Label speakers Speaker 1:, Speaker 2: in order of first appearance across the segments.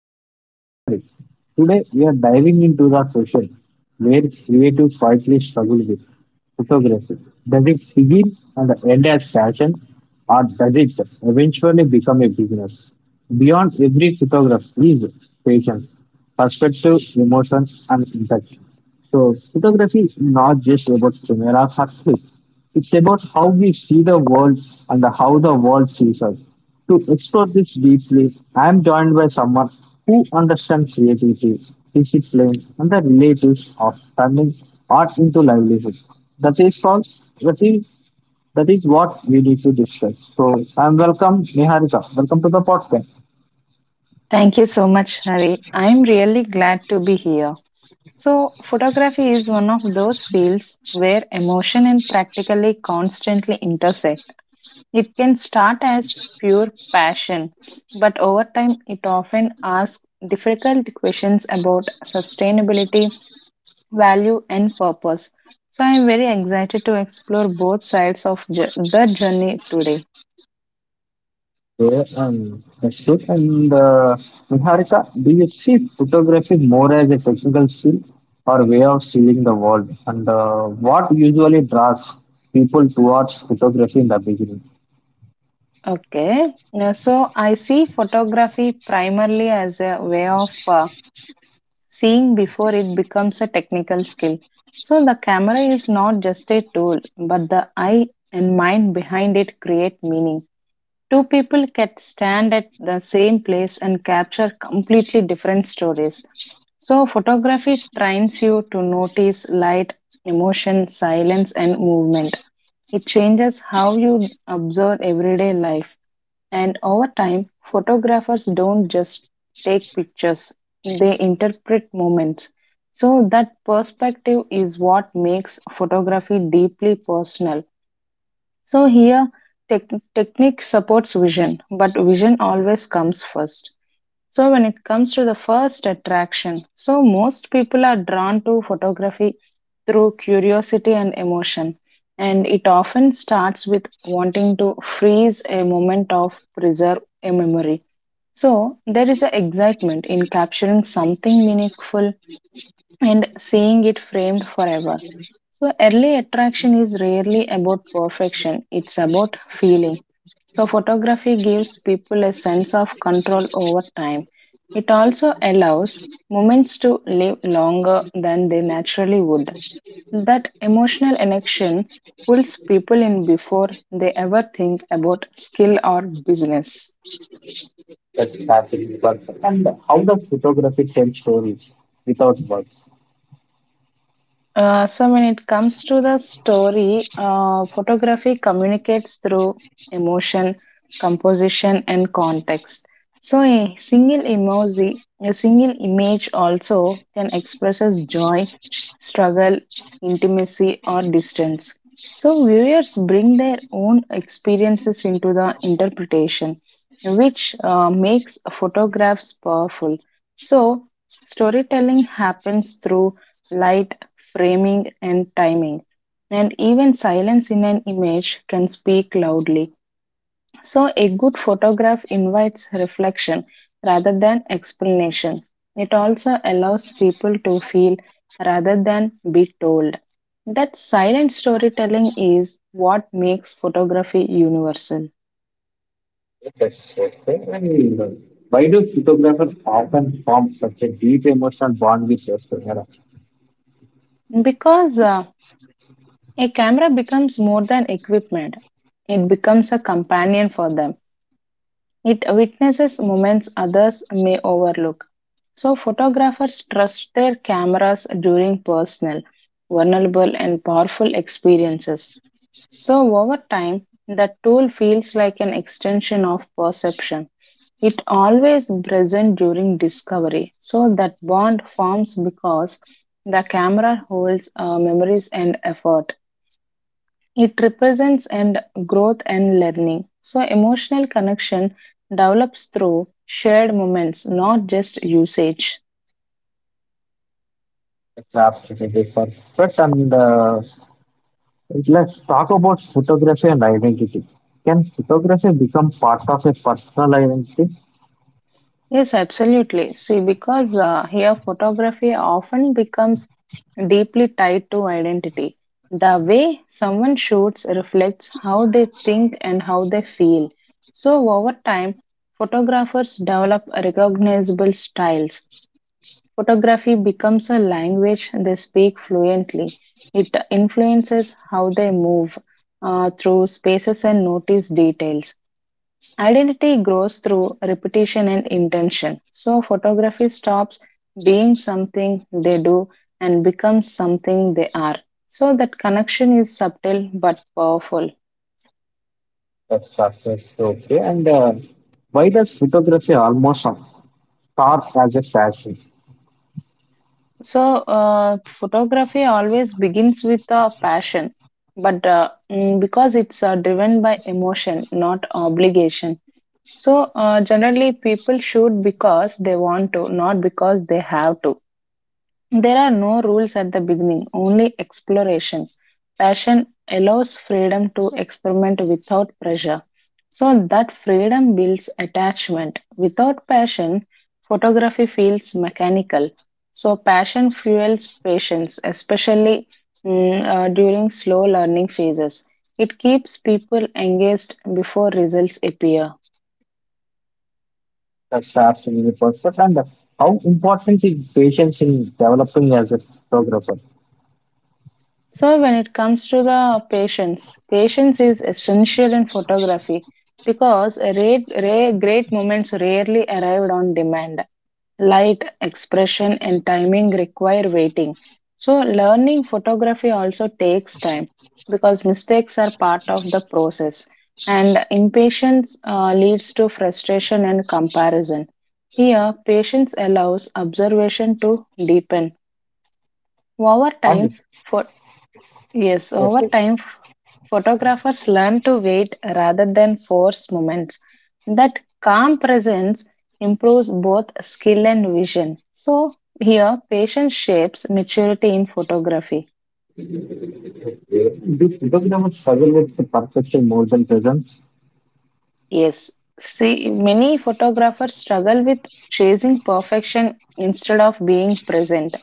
Speaker 1: I'm your host, Harith. Today, we are diving into the question where creatives quietly struggle with photography. Does it begin and end as passion, or does it eventually become a business? Beyond every photograph is patience, perspective, emotion, and impact. So photography is not just about camera success. It's about how we see the world and how the world sees us. To explore this deeply, I am joined by someone who understands creativity, discipline, and the relatives of turning art into livelihood. That is called that is that is what we need to discuss. So I'm welcome Niharika. Welcome to the podcast.
Speaker 2: Thank you so much, Hari. I'm really glad to be here. So, photography is one of those fields where emotion and practically constantly intersect. It can start as pure passion, but over time, it often asks difficult questions about sustainability, value, and purpose. So, I'm very excited to explore both sides of the journey today.
Speaker 1: Yeah, Ashit and Niharika, do you see photography more as a technical skill or way of seeing the world? And what usually draws people towards photography in the beginning?
Speaker 2: Okay. So I see photography primarily as a way of seeing before it becomes a technical skill. So the camera is not just a tool, but the eye and mind behind it create meaning. Two people can stand at the same place and capture completely different stories. So photography trains you to notice light, emotion, silence, and movement. It changes how you observe everyday life. And over time, photographers don't just take pictures, they interpret moments. So, that perspective is what makes photography deeply personal. So, here, tech technique supports vision, but vision always comes first. So, when it comes to the first attraction, so most people are drawn to photography through curiosity and emotion, and it often starts with wanting to freeze a moment of preserve a memory. So, there is an excitement in capturing something meaningful and seeing it framed forever. So, early attraction is rarely about perfection, it's about feeling. So, photography gives people a sense of control over time. It also allows moments to live longer than they naturally would. That emotional connection pulls people in before they ever think about skill or business.
Speaker 1: That starting work and how does photography tell stories without words?
Speaker 2: So when it comes to the story, photography communicates through emotion, composition, and context. So a single emoji, a single image also can express as joy, struggle, intimacy, or distance. So viewers bring their own experiences into the interpretation, which makes photographs powerful. So storytelling happens through light framing, and timing. And even silence in an image can speak loudly. So, a good photograph invites reflection rather than explanation. It also allows people to feel rather than be told. That silent storytelling is what makes photography universal.
Speaker 1: Yes, okay. And, why do photographers often form such a deep emotional bond with their camera?
Speaker 2: Because a camera becomes more than equipment, it becomes a companion for them. It witnesses moments others may overlook. So, photographers trust their cameras during personal, vulnerable, and powerful experiences. So, over time, the tool feels like an extension of perception. It always present during discovery. So, that bond forms because the camera holds memories and effort. It represents and growth and learning. So emotional connection develops through shared moments, not just usage.
Speaker 1: The craft is a different but and let's talk about photography and identity. Can photography become part of a personal identity?
Speaker 2: Yes, absolutely. See, because here photography often becomes deeply tied to identity. The way someone shoots reflects how they think and how they feel. So over time, photographers develop recognizable styles. Photography becomes a language they speak fluently. It influences how they move through spaces and notice details. Identity grows through repetition and intention. So, photography stops being something they do and becomes something they are. So, that connection is subtle but powerful.
Speaker 1: That's perfect. Okay. And why does photography almost start as a fashion?
Speaker 2: So, photography always begins with a passion, but because it's driven by emotion, not obligation. So, generally, people shoot because they want to, not because they have to. There are no rules at the beginning, only exploration. Passion allows freedom to experiment without pressure. So that freedom builds attachment. Without passion, photography feels mechanical. So passion fuels patience, especially during slow learning phases. It keeps people engaged before results appear.
Speaker 1: That's absolutely perfect. And how important is patience in developing as a photographer?
Speaker 2: So, when it comes to the patience, patience is essential in photography because a rare, great moments rarely arrived on demand. Light, expression, and timing require waiting. So, learning photography also takes time because mistakes are part of the process, and impatience leads to frustration and comparison. Here, patience allows observation to deepen. Over
Speaker 1: And
Speaker 2: time,
Speaker 1: yes,
Speaker 2: Yes,
Speaker 1: yes,
Speaker 2: over
Speaker 1: yes.
Speaker 2: time, f- photographers learn to wait rather than force moments. That calm presence improves both skill and vision. So, here, patience shapes maturity in photography.
Speaker 1: Do photographers struggle with the perfection more than presence?
Speaker 2: Yes, see, many photographers struggle with chasing perfection instead of being present.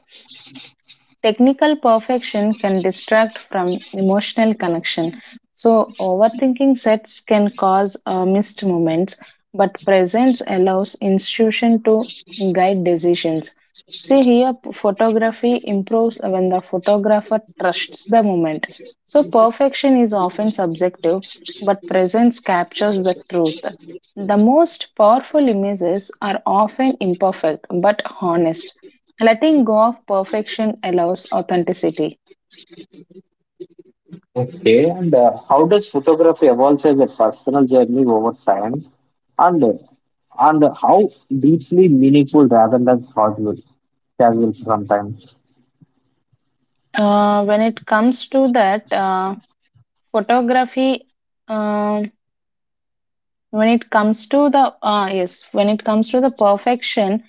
Speaker 2: Technical perfection can distract from emotional connection. So, overthinking sets can cause missed moments, but presence allows institution to guide decisions. See here, photography improves when the photographer trusts the moment. So, perfection is often subjective, but presence captures the truth. The most powerful images are often imperfect but honest. Letting go of perfection allows authenticity.
Speaker 1: Okay, and how does photography evolve as a personal journey over time? And uh, and how deeply meaningful rather than casual sometimes.
Speaker 2: When it comes to that, photography, um when it comes to the, yes, When it comes to the perfection,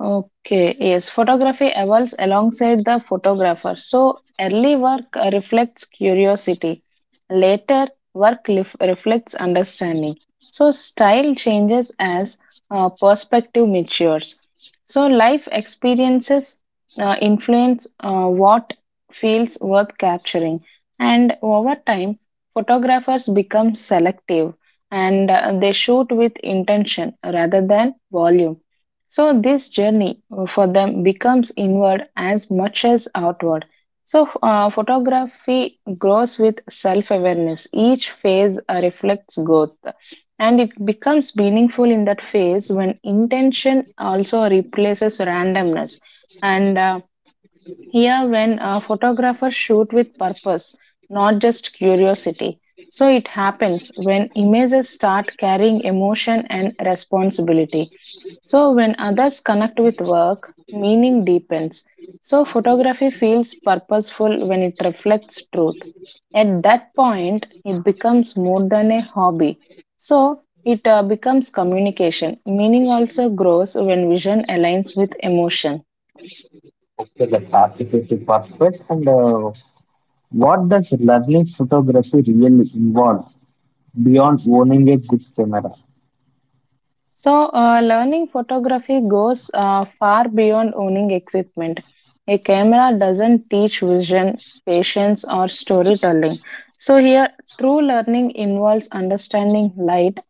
Speaker 2: okay, yes, photography evolves alongside the photographer. So early work reflects curiosity. Later, work reflects understanding. So, style changes as perspective matures. So, life experiences influence what feels worth capturing, and over time, photographers become selective and they shoot with intention rather than volume. So, this journey for them becomes inward as much as outward so, photography grows with self awareness. Each phase reflects growth, and it becomes meaningful in that phase when intention also replaces randomness. And Here, when photographers shoot with purpose, not just curiosity. So, it happens when images start carrying emotion and responsibility. So, when others connect with work, meaning deepens. So, photography feels purposeful when it reflects truth. At that point, it becomes more than a hobby. So, it becomes communication. Meaning also grows when vision aligns with emotion.
Speaker 1: Okay, the participative perfect. And what does learning photography really involve beyond owning a good camera?
Speaker 2: So, learning photography goes far beyond owning equipment. A camera doesn't teach vision, patience, or storytelling. So, here, true learning involves understanding light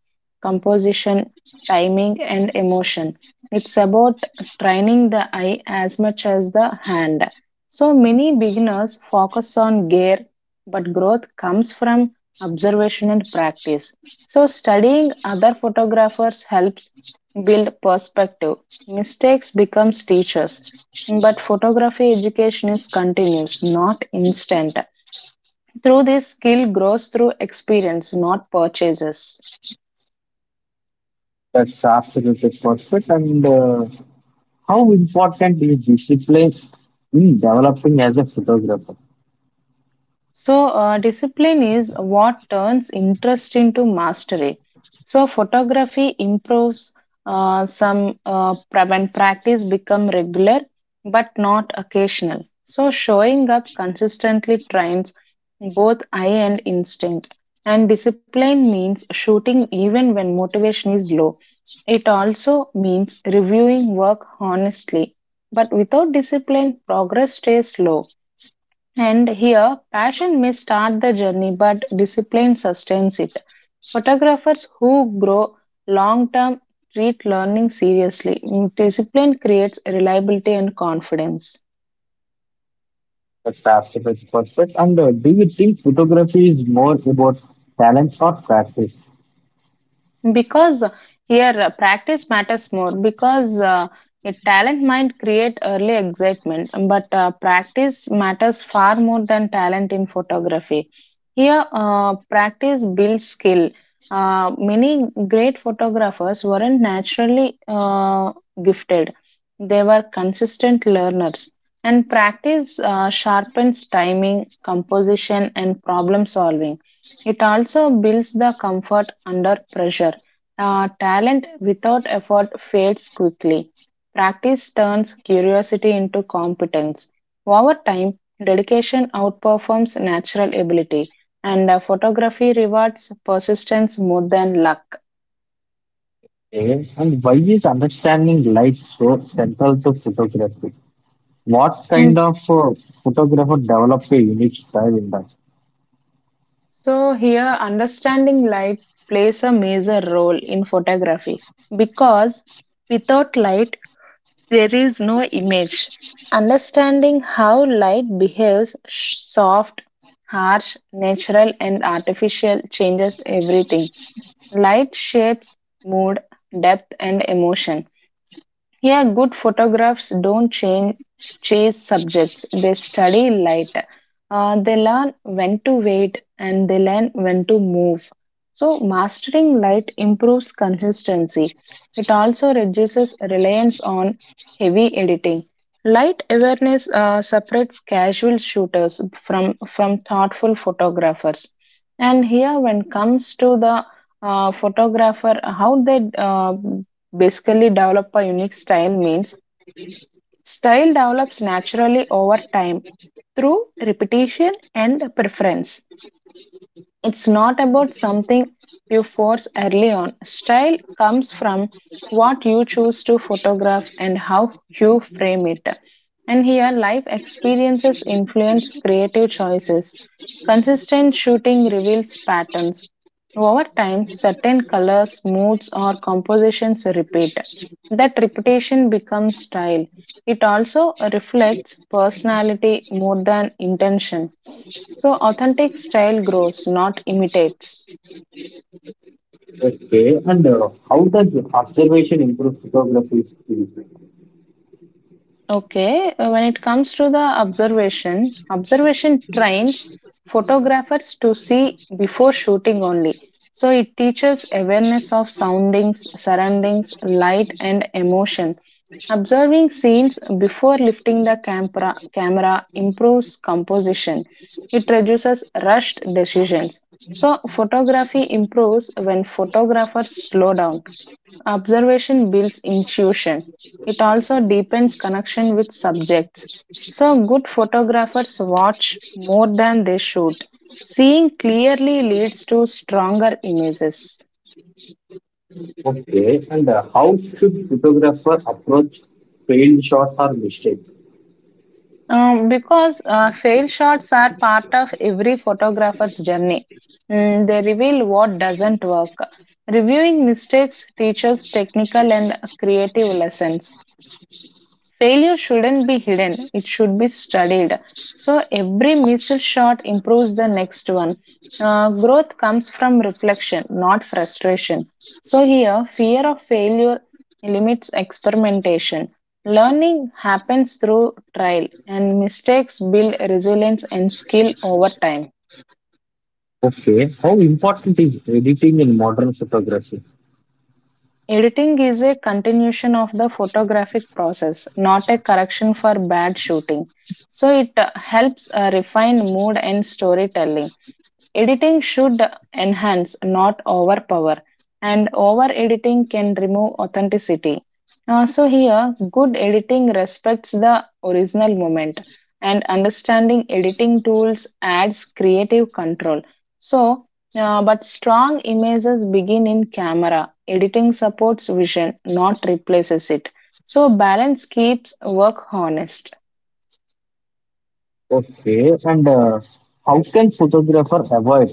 Speaker 2: composition, timing, and emotion. It's about training the eye as much as the hand. So many beginners focus on gear, but growth comes from observation and practice. So studying other photographers helps build perspective. Mistakes becomes teachers. But photography education is continuous, not instant. Through this skill grows through experience, not purchases.
Speaker 1: That's absolutely perfect. And how important is discipline in developing as a photographer?
Speaker 2: So, discipline is what turns interest into mastery. So, photography improves when practice become regular but not occasional. So, showing up consistently trains both eye and instinct. And discipline means shooting even when motivation is low. It also means reviewing work honestly. But without discipline, progress stays slow. And here, passion may start the journey, but discipline sustains it. Photographers who grow long term treat learning seriously. Discipline creates reliability and confidence.
Speaker 1: That's absolutely perfect. And do you think photography is more about talent or practice?
Speaker 2: Because here practice matters more because a talent might create early excitement, but practice matters far more than talent in photography. Here, practice builds skill. Many great photographers weren't naturally gifted, they were consistent learners. And practice sharpens timing, composition, and problem solving. It also builds the comfort under pressure talent without effort fades quickly. Practice turns curiosity into competence. Over time, dedication outperforms natural ability, and photography rewards persistence more than luck.
Speaker 1: Okay. And why is understanding light so central to photography? What
Speaker 2: Mm.
Speaker 1: kind of photographer develops a unique style in that?
Speaker 2: So, here, understanding light plays a major role in photography because without light, there is no image. Understanding how light behaves soft, harsh, natural, and artificial changes everything. Light shapes mood, depth, and emotion. Yeah, good photographs don't chase subjects, they study light. They learn when to wait and they learn when to move. So, mastering light improves consistency. It also reduces reliance on heavy editing. Light awareness separates casual shooters from thoughtful photographers. And here, when comes to the photographer, how they basically, develop a unique style means style develops naturally over time through repetition and preference. It's not about something you force early on. Style comes from what you choose to photograph and how you frame it. And here, life experiences influence creative choices. Consistent shooting reveals patterns. Over time, certain colors, moods, or compositions repeat. That repetition becomes style. It also reflects personality more than intention. So authentic style grows, not imitates.
Speaker 1: Okay, and how does observation improve photography skills?
Speaker 2: Okay, when it comes to the observation, observation trains photographers to see before shooting only. So it teaches awareness of soundings, surroundings, light, and emotion. Observing scenes before lifting the camera improves composition. It reduces rushed decisions. So photography improves when photographers slow down. Observation builds intuition. It also deepens connection with subjects. So, good photographers watch more than they shoot. Seeing clearly leads to stronger images.
Speaker 1: Okay, and how should photographer approach failed shots or mistakes?
Speaker 2: Because fail shots are part of every photographer's journey, Mm, they reveal what doesn't work. Reviewing mistakes teaches technical and creative lessons. Failure shouldn't be hidden, it should be studied. So every missed shot improves the next one. Growth comes from reflection, not frustration. So here, fear of failure limits experimentation. Learning happens through trial, and mistakes build resilience and skill over time.
Speaker 1: Okay, how important is editing in modern photography?
Speaker 2: Editing is a continuation of the photographic process, not a correction for bad shooting. So it helps refine mood and storytelling. Editing should enhance, not overpower, and over editing can remove authenticity. Here, good editing respects the original moment, and understanding editing tools adds creative control. So, but strong images begin in camera. Editing supports vision, not replaces it. So, balance keeps work honest.
Speaker 1: Okay, and how can photographer avoid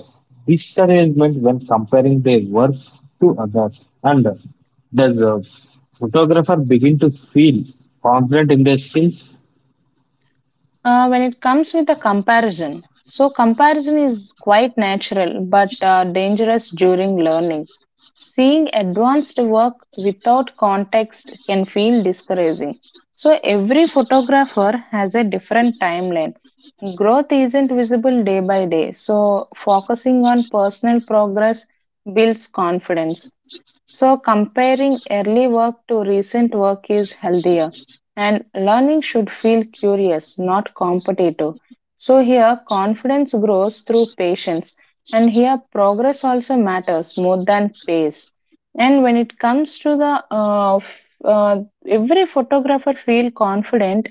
Speaker 1: discouragement when comparing their work to others? And does a photographer begin to feel confident in their skills?
Speaker 2: When it comes with a comparison, so comparison is quite natural but dangerous during learning. Seeing advanced work without context can feel discouraging. So, every photographer has a different timeline. Growth isn't visible day by day, so, focusing on personal progress builds confidence. So, comparing early work to recent work is healthier, and learning should feel curious, not competitive. So, here confidence grows through patience, and here progress also matters more than pace. And when it comes to the every photographer feel confident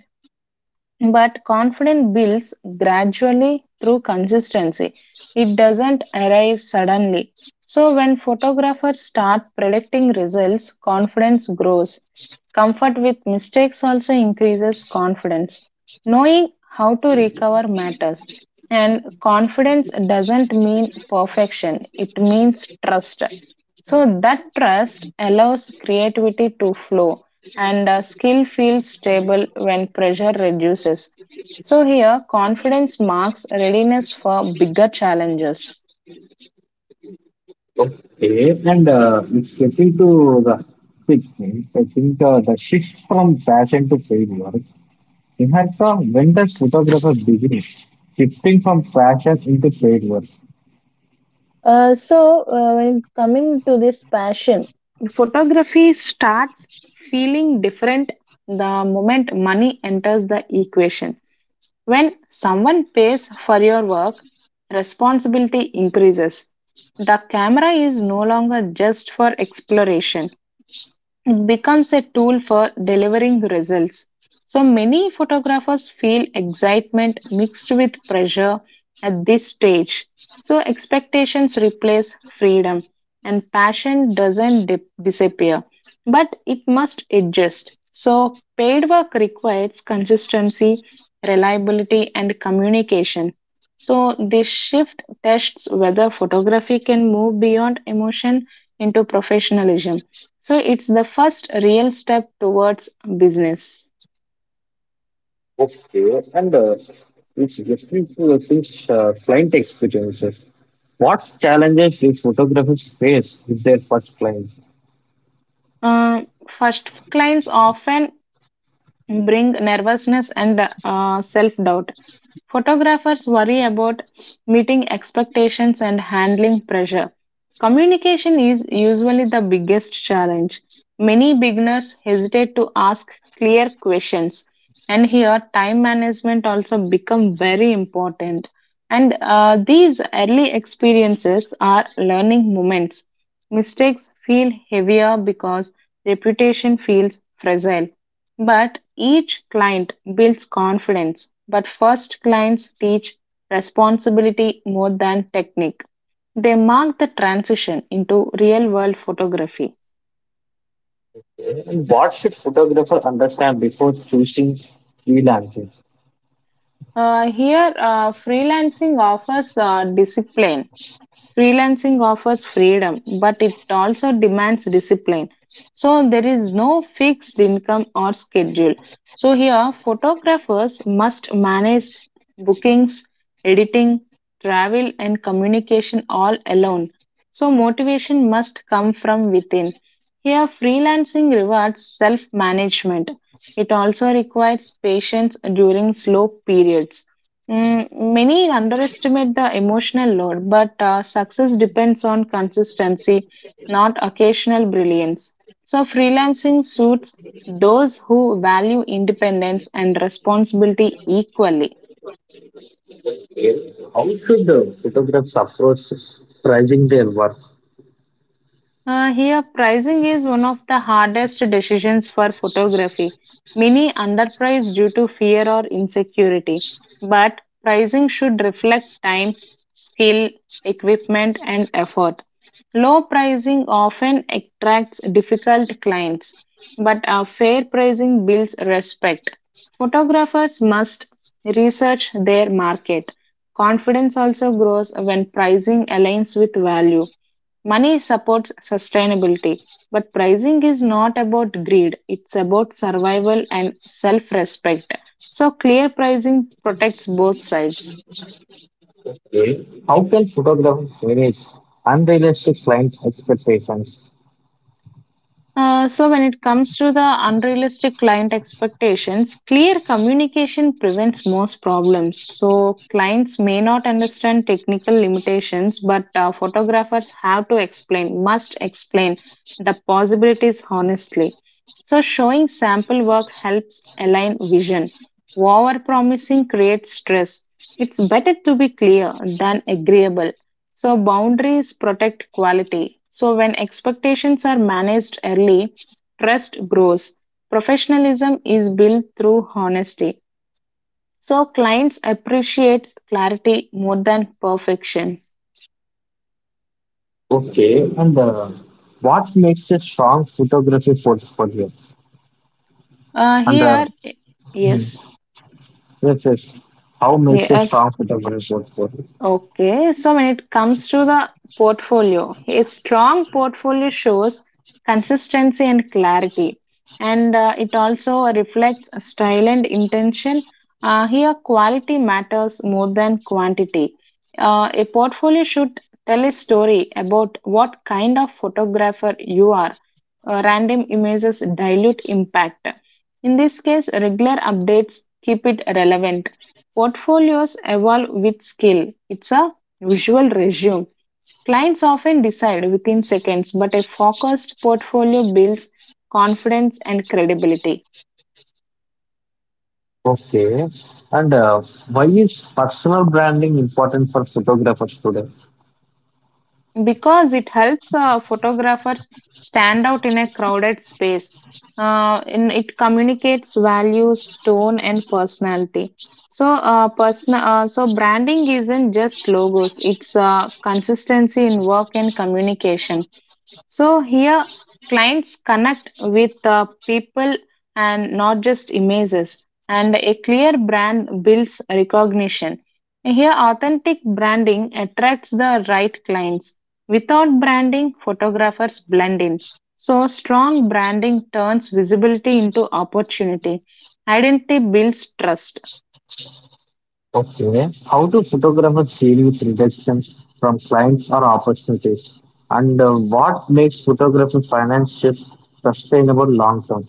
Speaker 2: but confidence builds gradually through consistency. It doesn't arrive suddenly. So, when photographers start predicting results, confidence grows. Comfort with mistakes also increases confidence. Knowing how to recover matters. And confidence doesn't mean perfection, it means trust. So, that trust allows creativity to flow and skill feels stable when pressure reduces. So, here confidence marks readiness for bigger challenges.
Speaker 1: Okay, and it's getting to the sixth thing. I think the shift from passion to paid work. In fact, when does photographer begin shifting from passion into paid work?
Speaker 2: When coming to this passion, photography starts feeling different the moment money enters the equation. When someone pays for your work, responsibility increases. The camera is no longer just for exploration. It becomes a tool for delivering results. So many photographers feel excitement mixed with pressure at this stage. So expectations replace freedom, and passion doesn't dip- disappear, but it must adjust. So paid work requires consistency, reliability, and communication. So this shift tests whether photography can move beyond emotion into professionalism. So it's the first real step towards business.
Speaker 1: Okay, and it's listening to these client experiences. What challenges do photographers face with their first client?
Speaker 2: Uh, First, clients often bring nervousness and self doubt. Photographers worry about meeting expectations and handling pressure. Communication is usually the biggest challenge. Many beginners hesitate to ask clear questions, and here time management also become very important. And these early experiences are learning moments. Mistakes feel heavier because reputation feels fragile. But each client builds confidence. But first clients teach responsibility more than technique. They mark the transition into real world photography.
Speaker 1: And what should photographers understand before choosing freelancing?
Speaker 2: Here, freelancing offers discipline Freelancing offers freedom, but it also demands discipline. So there is no fixed income or schedule. So here, photographers must manage bookings, editing, travel, and communication all alone. So motivation must come from within. Here, freelancing rewards self management. It also requires patience during slow periods. Many underestimate the emotional load, but success depends on consistency, not occasional brilliance. So, freelancing suits those who value independence and responsibility equally.
Speaker 1: Okay. How should the photographers approach pricing their work?
Speaker 2: Pricing is one of the hardest decisions for photography. Many underprice due to fear or insecurity, but pricing should reflect time, skill, equipment, and effort. Low pricing often attracts difficult clients, but a fair pricing builds respect. Photographers must research their market. Confidence also grows when pricing aligns with value. Money supports sustainability, but pricing is not about greed, it's about survival and self respect. So, clear pricing protects both sides.
Speaker 1: Okay. How can photographers manage unrealistic client expectations?
Speaker 2: When it comes to the unrealistic client expectations, clear communication prevents most problems. So, clients may not understand technical limitations, but photographers have to explain, must explain the possibilities honestly. So, showing sample work helps align vision. Over promising creates stress. It's better to be clear than agreeable. So, boundaries protect quality. So, when expectations are managed early, trust grows. Professionalism is built through honesty. So, clients appreciate clarity more than perfection.
Speaker 1: Okay, and what makes a strong photography portfolio?
Speaker 2: Uh,
Speaker 1: And
Speaker 2: here, yes,
Speaker 1: yes, yes. How makes it
Speaker 2: yes.
Speaker 1: comfortable is what-
Speaker 2: Okay, so when it comes to the portfolio, a strong portfolio shows consistency and clarity, and it also reflects style and intention. Quality matters more than quantity. A portfolio should tell a story about what kind of photographer you are. Random images dilute impact. In this case, regular updates keep it relevant. Portfolios evolve with skill. It's a visual resume. Clients often decide within seconds, but a focused portfolio builds confidence and credibility
Speaker 1: Okay. And why is personal branding important for photographers today?
Speaker 2: because it helps photographers stand out in a crowded space. And it communicates values, tone, and personality. So branding isn't just logos; it's consistency in work and communication. So here, clients connect with the people and not just images. And a clear brand builds recognition. Here, authentic branding attracts the right clients. Without branding, photographers blend in. So, strong branding turns visibility into opportunity. Identity builds trust.
Speaker 1: Okay. How do photographers deal with rejections from clients or opportunities? And what makes photography financially sustainable long term?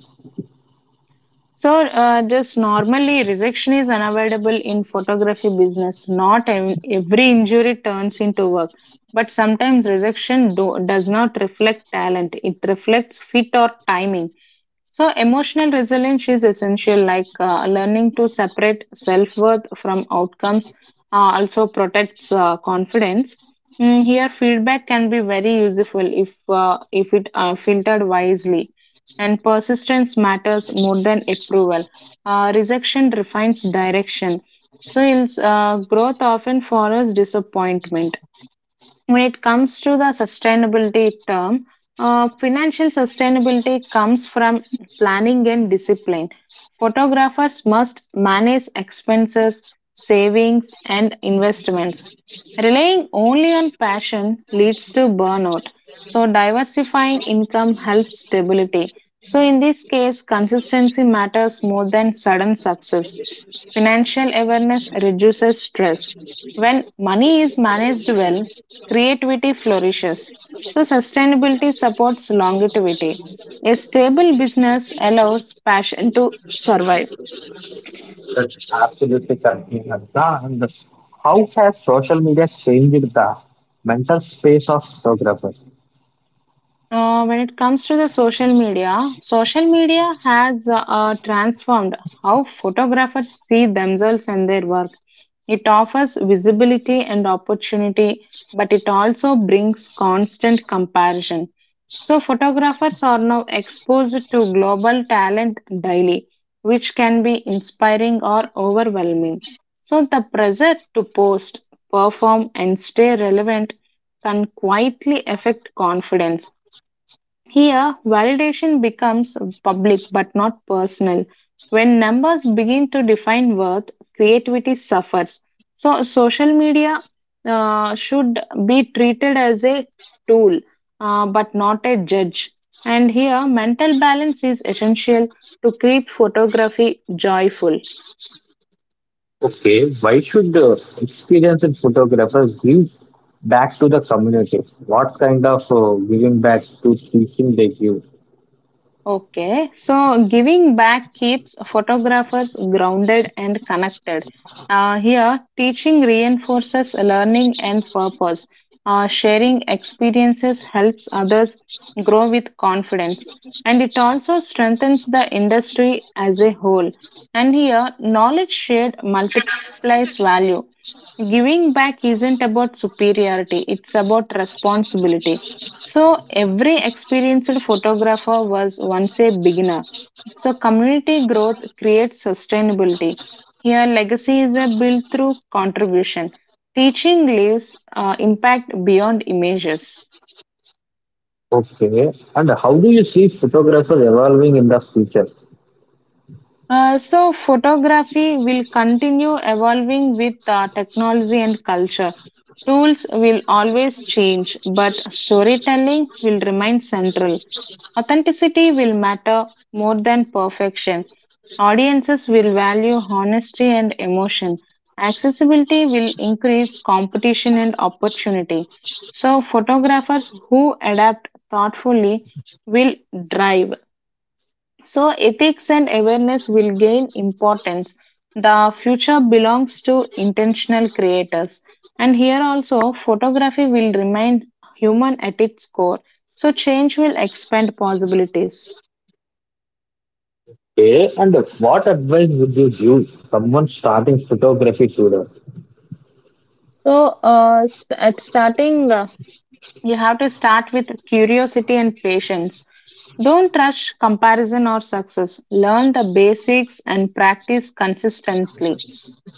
Speaker 2: Just normally, rejection is unavoidable in photography business. Not ev- Every injury turns into work, but sometimes does not reflect talent. It reflects fit or timing. So, emotional resilience is essential, like learning to separate self worth from outcomes, also protects confidence. Here, feedback can be very useful if it filtered wisely, and persistence matters more than approval. Rejection refines direction. Growth often follows disappointment. When it comes to the sustainability term, financial sustainability comes from planning and discipline. Photographers must manage expenses, savings and investments. Relying only on passion leads to burnout, so diversifying income helps stability. So in this case consistency matters more than sudden success. Financial awareness reduces stress. When money is managed well, creativity flourishes. So, sustainability supports longevity. A stable business allows passion to survive.
Speaker 1: That's absolutely correct, Niharika. And how has social media changed the mental space of photographers?
Speaker 2: When it comes to the social media has transformed how photographers see themselves and their work. It offers visibility and opportunity, but it also brings constant comparison. So, photographers are now exposed to global talent daily, which can be inspiring or overwhelming. So, the pressure to post, perform, and stay relevant can quietly affect confidence. Here, validation becomes public but not personal. When numbers begin to define worth, creativity suffers. So, social media should be treated as a tool but not a judge. And here, mental balance is essential to keep photography joyful.
Speaker 1: Okay, why should experienced photographers give back to the community? What kind of giving back to teaching they give?
Speaker 2: Okay, so giving back keeps photographers grounded and connected. Teaching reinforces learning and purpose. Sharing experiences helps others grow with confidence. And it also strengthens the industry as a whole. And here, knowledge shared multiplies value. Giving back isn't about superiority, it's about responsibility. So every experienced photographer was once a beginner. So community growth creates sustainability. Here, legacy is a built through contribution. Teaching leaves impact beyond images.
Speaker 1: Okay, and how do you see photographers evolving in the future?
Speaker 2: So photography will continue evolving with technology and culture. Tools will always change, but storytelling will remain central. Authenticity will matter more than perfection. Audiences will value honesty and emotion. Accessibility will increase competition and opportunity. So, photographers who adapt thoughtfully will drive. So, ethics and awareness will gain importance. The future belongs to intentional creators. And here also, photography will remain human at its core. So, change will expand possibilities.
Speaker 1: Okay, and what advice would you give someone starting photography today?
Speaker 2: At starting, you have to start with curiosity and patience. Don't rush comparison or success. Learn the basics and practice consistently.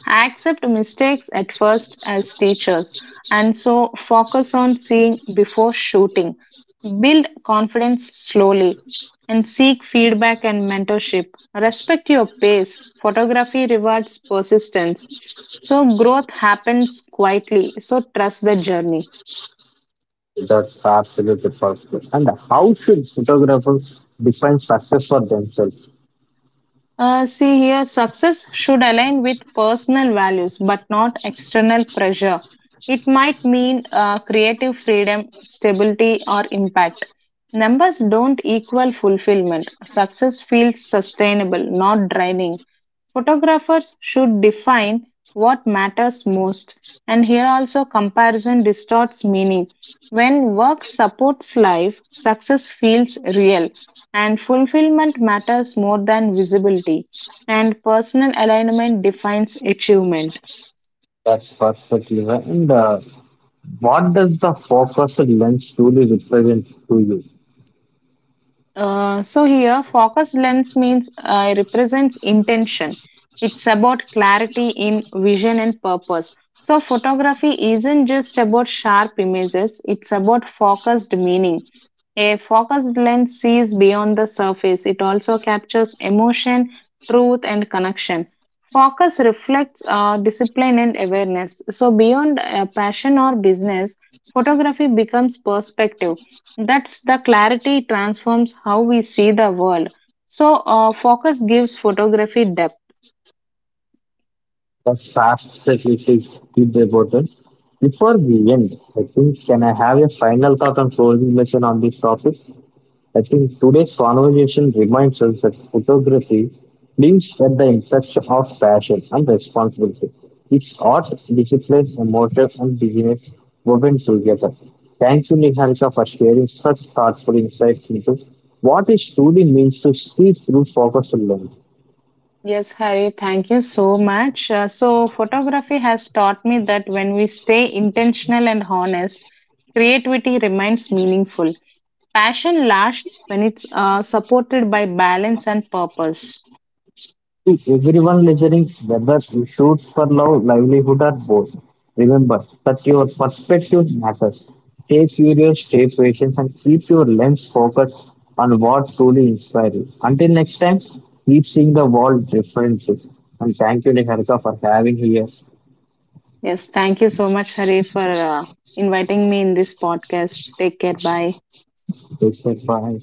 Speaker 2: Accept mistakes at first as teachers, and so focus on seeing before shooting. Build confidence slowly and seek feedback and mentorship. Respect your pace. Photography rewards persistence. So growth happens quietly. So trust the journey.
Speaker 1: That's absolutely perfect. And how should photographers define success for themselves?
Speaker 2: See here, success should align with personal values but not external pressure. It might mean creative freedom, stability, or impact. Numbers don't equal fulfillment. Success feels sustainable, not draining. Photographers should define what matters most. And here also, comparison distorts meaning. When work supports life, success feels real. And fulfillment matters more than visibility, and personal alignment defines achievement.
Speaker 1: That's perfectly right. And what does the focused lens truly represent to you?
Speaker 2: So here, focus lens means represents intention. It's about clarity in vision and purpose. So photography isn't just about sharp images. It's about focused meaning. A focused lens sees beyond the surface. It also captures emotion, truth, and connection. Focus reflects discipline and awareness. So beyond passion or business, photography becomes perspective that's the clarity transforms how we see the world. Focus gives photography depth.
Speaker 1: The fast statistics keep the importance. Before we end, I think, can I have a final thought and closing mention on this topic? I think today's conversation reminds us that photography lives at the intersection of passion and responsibility. It's art, discipline, emotion, and business woven together. Thank you, Niharika, for sharing such thoughtful insights into what it truly means to see through focus and learn.
Speaker 2: Yes, Hari, thank you so much. Photography has taught me that when we stay intentional and honest, creativity remains meaningful. Passion lasts when it's supported by balance and purpose.
Speaker 1: To everyone listening, whether you shoot for love, livelihood, or both, remember that your perspective matters. Stay curious, stay patient, and keep your lens focused on what truly inspires you. Until next time, keep seeing the world differently. And thank you, Niharika, for having here.
Speaker 2: Yes, thank you so much, Hari, for inviting me in this podcast. Take care. Bye.
Speaker 1: Take care. Bye.